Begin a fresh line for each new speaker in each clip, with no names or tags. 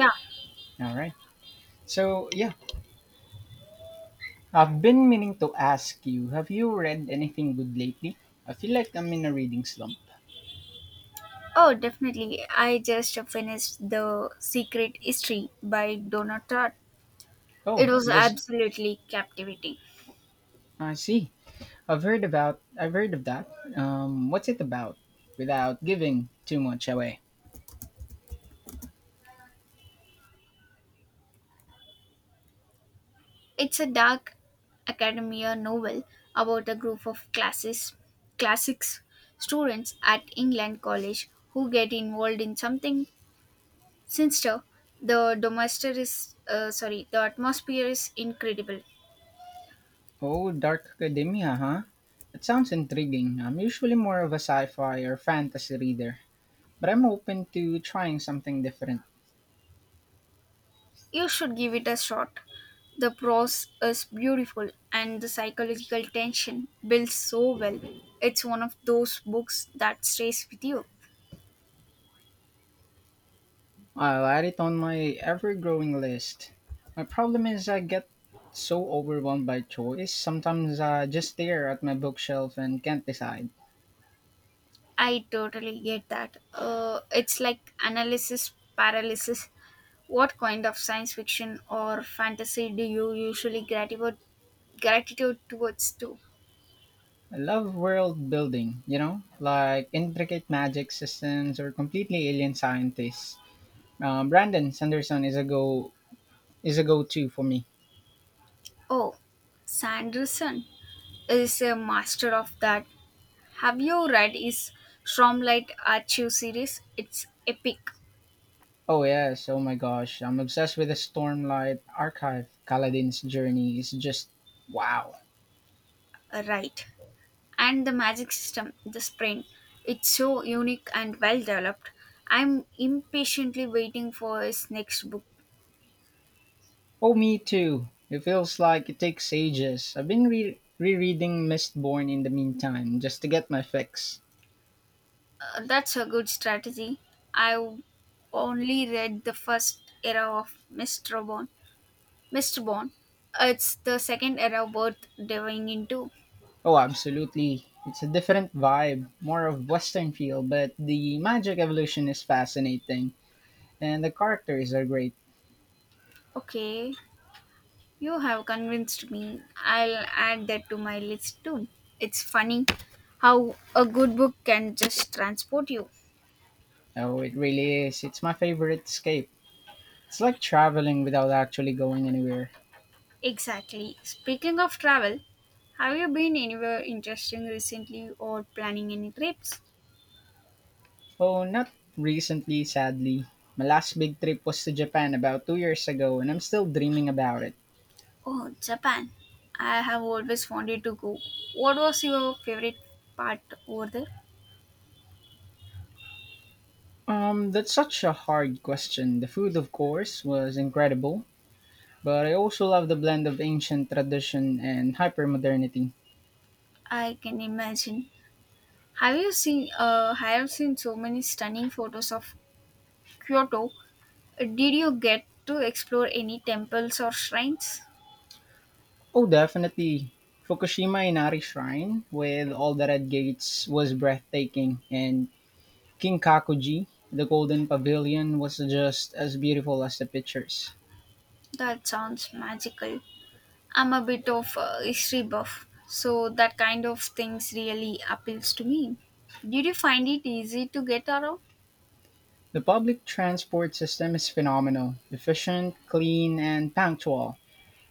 Yeah.
All right. So, yeah, I've been meaning to ask you, have you read anything good lately? I feel like I'm in a reading slump.
Oh, definitely. I just finished The Secret History by Donna Tartt. It
Oh,
was
it was.
absolutely captivating.
I see. I've heard of that. What's it about? Without giving too much away.
It's a dark academia novel about a group of classics students at England College who get involved in something sinister. The the atmosphere is incredible.
Oh, Dark Academia, huh? That sounds intriguing. I'm usually more of a sci-fi or fantasy reader, but I'm open to trying something different.
You should give it a shot. The prose is beautiful and the psychological tension builds so well. It's one of those books that stays with you.
I'll add it on my ever growing list. My problem is I get so overwhelmed by choice, sometimes I just stare at my bookshelf and can't decide.
I totally get that. It's like analysis paralysis. What kind of science fiction or fantasy do you usually gratitude towards to?
I love world building, like intricate magic systems or completely alien scientists. Brandon Sanderson is a go to for me.
Oh, Sanderson is a master of that. Have you read his Stromlight Archive series? It's epic,
Oh yes, oh my gosh, I'm obsessed with the Stormlight Archive. Kaladin's journey is just wow.
right? And the magic system, the Sprain. It's so unique and well developed. I'm impatiently waiting for his next book.
Oh, me too. It feels like it takes ages. I've been rereading Mistborn in the meantime, just to get my fix.
That's a good strategy. I've only read the first era of Mr. Bond. Mr. Bond. It's the second era worth diving into.
Oh, absolutely. It's a different vibe, more of Western feel, but the magic evolution is fascinating, and the characters are great.
Okay. You have convinced me. I'll add that to my list too. It's funny how a good book can just transport you.
Oh, it really is. It's my favorite escape. It's like traveling without actually going anywhere.
Exactly. Speaking of travel, have you been anywhere interesting recently or planning any trips?
Oh, not recently, sadly. My last big trip was to Japan about 2 years ago, and I'm still dreaming about it.
Oh, Japan. I have always wanted to go. What was your favorite part over there?
That's such a hard question. The food, of course, was incredible, but I also love the blend of ancient tradition and hypermodernity.
I can imagine. Have you seen I have seen so many stunning photos of Kyoto. Did you get to explore any temples or shrines?
Oh, definitely. Fukushima Inari Shrine, with all the red gates, was breathtaking, and Kinkakuji, the golden pavilion, was just as beautiful as the pictures.
That sounds magical. I'm a bit of a history buff, so that kind of things really appeals to me. Did you find it easy to get around?
The public transport system is phenomenal, efficient, clean, and punctual.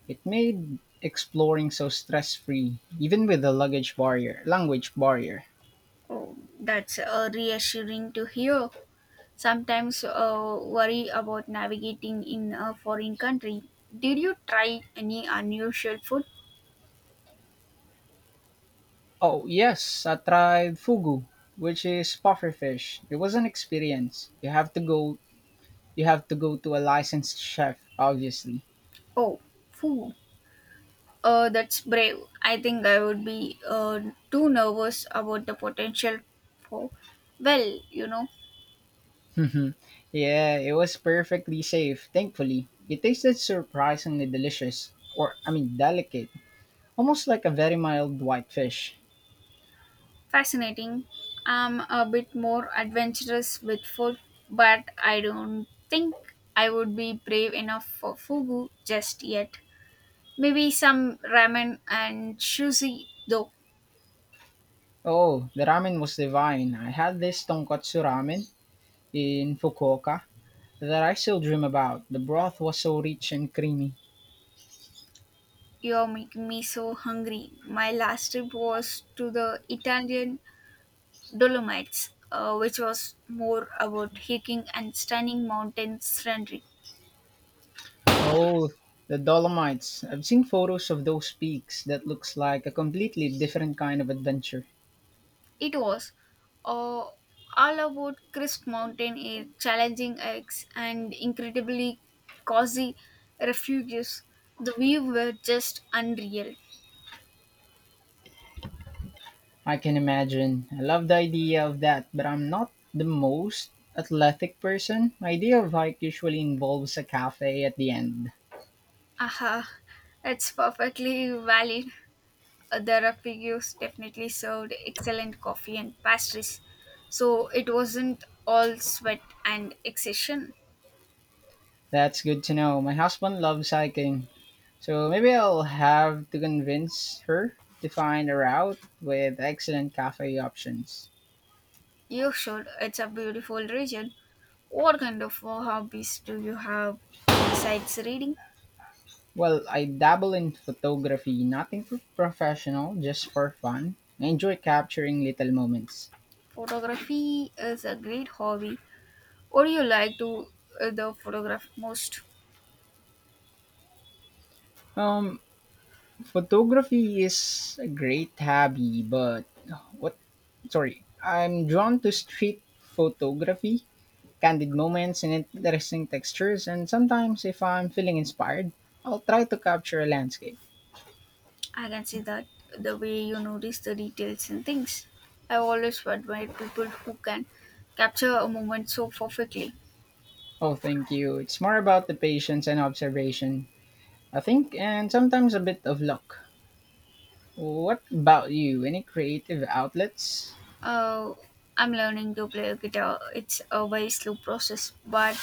It made exploring so stress-free, even with the luggage barrier, language barrier.
Oh, that's reassuring to hear. Sometimes worry about navigating in a foreign country. Did you try any unusual food?
Oh, yes, I tried fugu, which is pufferfish. It was an experience. You have to go to a licensed chef, obviously.
Oh, food. That's brave. I think I would be too nervous about the potential for, well, you know,
Yeah, it was perfectly safe, thankfully. It tasted surprisingly delicious, or I mean delicate, almost like a very mild whitefish.
fascinating. I'm a bit more adventurous with food, but I don't think I would be brave enough for fugu just yet. Maybe some ramen and sushi, though.
Oh, the ramen was divine. I had this tonkotsu ramen in Fukuoka that I still dream about. The broth was so rich and creamy.
You're making me so hungry. My last trip was to the Italian Dolomites, which was more about hiking and stunning mountain scenery.
Oh, the Dolomites. I've seen photos of those peaks. That looks like a completely different kind of adventure.
It was uh, all about crisp mountain air, challenging hikes, and incredibly cozy refuges. The view were just unreal.
I can imagine. I love the idea of that, but I'm not the most athletic person. My idea of hike usually involves a cafe at the end.
Aha, it's perfectly valid. The refuges definitely served excellent coffee and pastries, so it wasn't all sweat and exhaustion.
That's good to know. My husband loves hiking, so maybe I'll have to convince her to find a route with excellent cafe options.
You should. It's a beautiful region. What kind of hobbies do you have besides reading?
Well, I dabble in photography, nothing for professional, just for fun. I enjoy capturing little moments.
Photography is a great hobby. What do you like to the photograph most?
Um, photography is a great hobby, but what? Sorry, I'm drawn to street photography, candid moments and interesting textures. And sometimes, if I'm feeling inspired, I'll try to capture a landscape.
I can see that the way you notice the details and things. I've always admired people who can capture a moment so perfectly.
Oh, thank you. It's more about the patience and observation, I think, and sometimes a bit of luck. What about you? Any creative outlets?
Uh, I'm learning to play guitar. It's a very slow process, but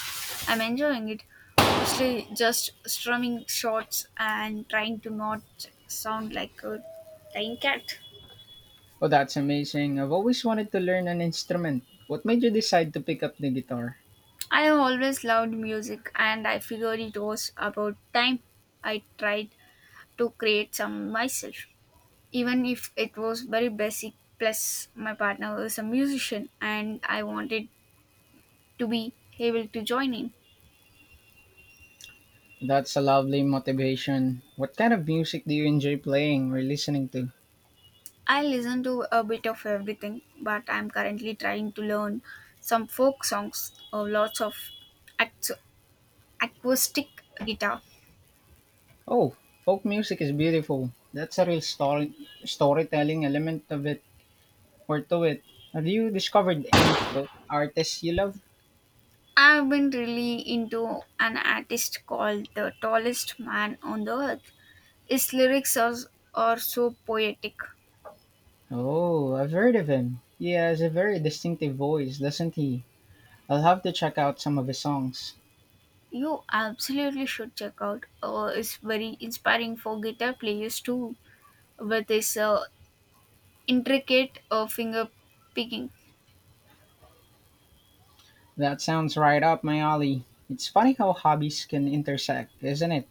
I'm enjoying it. Mostly just strumming shots and trying to not sound like a dying cat.
Oh, that's amazing. I've always wanted to learn an instrument. What made you decide to pick up the guitar?
I always loved music, and I figured it was about time I tried to create some myself. Even if it was very basic, plus, my partner was a musician, and I wanted to be able to join in.
That's a lovely motivation. What kind of music do you enjoy playing or listening to?
I listen to a bit of everything, but I'm currently trying to learn some folk songs or lots of ac- acoustic guitar.
Oh, folk music is beautiful. That's a real storytelling element of it or to it. Have you discovered any folk artists you love?
I've been really into an artist called the tallest man on the earth. His are so poetic.
Oh, I've heard of him. He has a very distinctive voice, doesn't he? I'll have to check out some of his songs.
You absolutely should check out. It's very inspiring for guitar players too, with his intricate finger picking.
That sounds right up my alley. It's funny how hobbies can intersect, isn't it?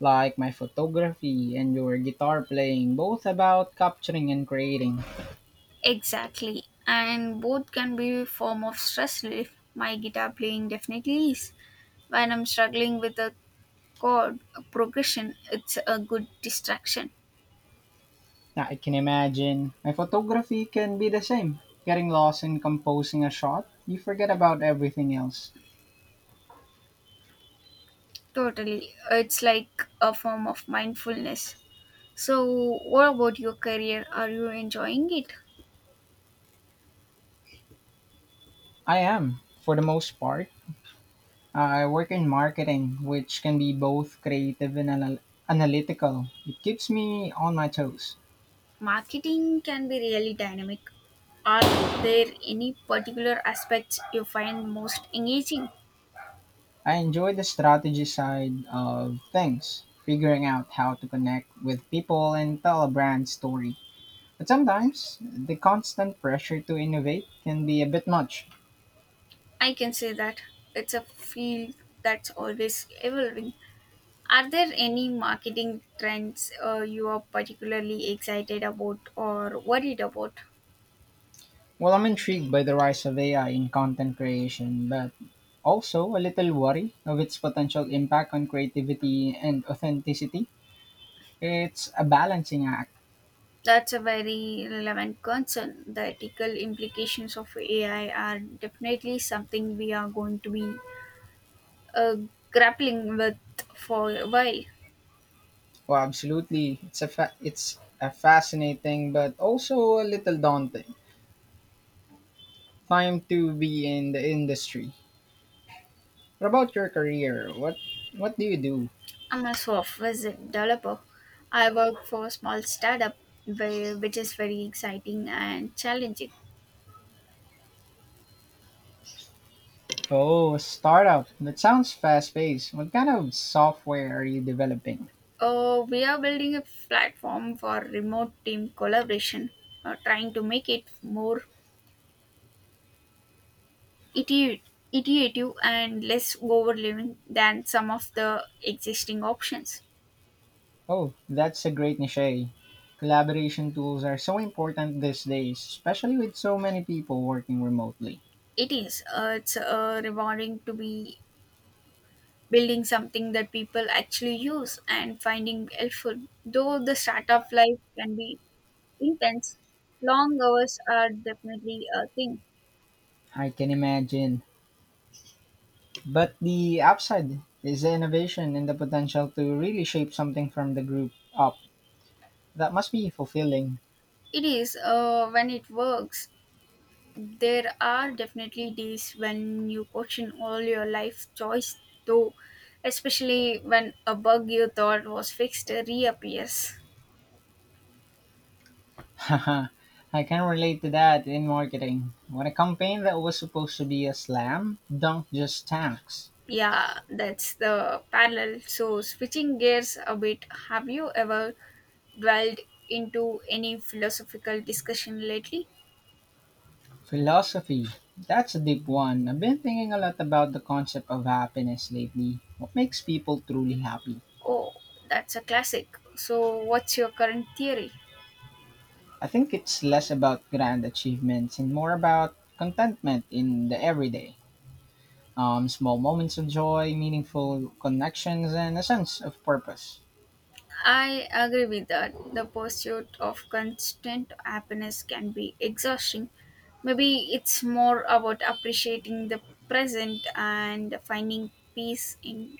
Like my photography and your guitar playing, both about capturing and creating.
Exactly. And both can be a form of stress relief. My guitar playing definitely is. When I'm struggling with a chord progression, it's a good distraction.
Now, I can imagine my photography can be the same. Getting lost in composing a shot, you forget about everything else.
Totally. It's like a form of mindfulness. So, what about your career? Are you enjoying it?
I am, for the most part. I work in marketing, which can be both creative and analytical. It keeps me on my toes.
Marketing can be really dynamic. Are there any particular aspects you find most engaging?
I enjoy the strategy side of things, figuring out how to connect with people and tell a brand story. But sometimes the constant pressure to innovate can be a bit much.
I can say that it's a field that's always evolving. Are there any marketing trends you are particularly excited about or worried about?
Well, I'm intrigued by the rise of AI in content creation, but also a little worry of its potential impact on creativity and authenticity. It's a balancing act.
That's a very relevant concern. The ethical implications of AI are definitely something we are going to be uh, grappling with for a while.
Well, absolutely. It's a fascinating but also a little daunting time to be in the industry. What about your career? What do you do?
I'm a software developer. I work for a small startup, which is very exciting and challenging.
Oh, a startup. That sounds fast paced. What kind of software are you developing?
We are building a platform for remote team collaboration, trying to make it more iti- iterative and less overwhelming than some of the existing options.
Oh, that's a great niche. Collaboration tools are so important these days, especially with so many people working remotely.
It is. It's rewarding to be building something that people actually use and finding helpful. Though the startup life can be intense, long hours are definitely a thing.
I can imagine. But the upside is the innovation and the potential to really shape something from the group up. That must be fulfilling.
It is when it works. There are definitely days when you question all your life choice though, especially when a bug you thought was fixed reappears.
Haha, I can relate to that in marketing. When a campaign that was supposed to be a slam dunk just tanks.
Yeah, that's the parallel. So switching gears a bit, have you ever dwelled into any philosophical discussion lately?
Philosophy. That's a deep one. I've been thinking a lot about the concept of happiness lately. What makes people truly happy?
Oh, that's a classic. So what's your current theory?
I think it's less about grand achievements and more about contentment in the everyday. Small moments of joy, meaningful connections, and a sense of purpose.
I agree with that. The pursuit of constant happiness can be exhausting. Maybe it's more about appreciating the present and finding peace in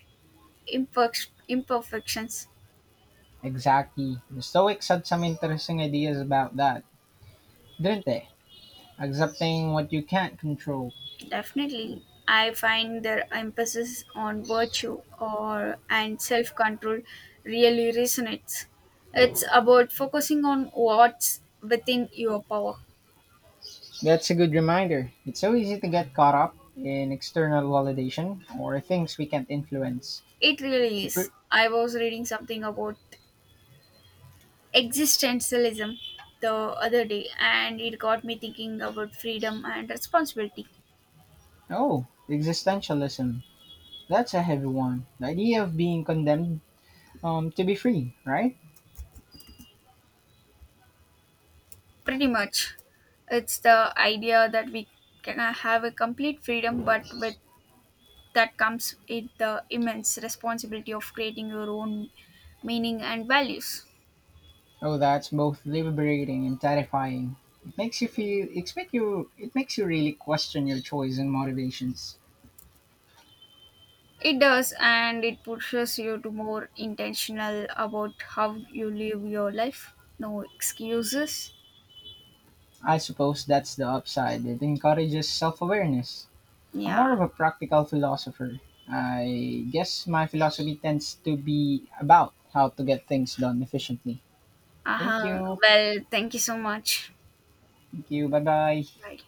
imperfections.
Exactly. The Stoics had some interesting ideas about that, didn't they? Accepting what you can't control.
Definitely, I find their emphasis on virtue or and self-control really resonates. It's about focusing on what's within your power.
That's a good reminder. It's so easy to get caught up in external validation or things we can't influence.
It really
It re-
is. I was reading something about existentialism the other day and it got me thinking about freedom and responsibility.
oh, existentialism. That's a heavy one. The idea of being condemned to be free, right?
Pretty much it's the idea that we can have a complete freedom but with that comes it the immense responsibility of creating your own meaning and values.
Oh, that's both liberating and terrifying. It makes you feel. It makes you. It makes you really question your choice and motivations.
It does and it pushes you to more intentional about how you live your life, no excuses.
I suppose that's the upside. It encourages self-awareness. I'm
Yeah.
more of a practical philosopher. I guess my philosophy tends to be about how to get things done efficiently. Thank
Uh-huh,
you.
well thank you so much.
Thank you. Bye bye.
Bye.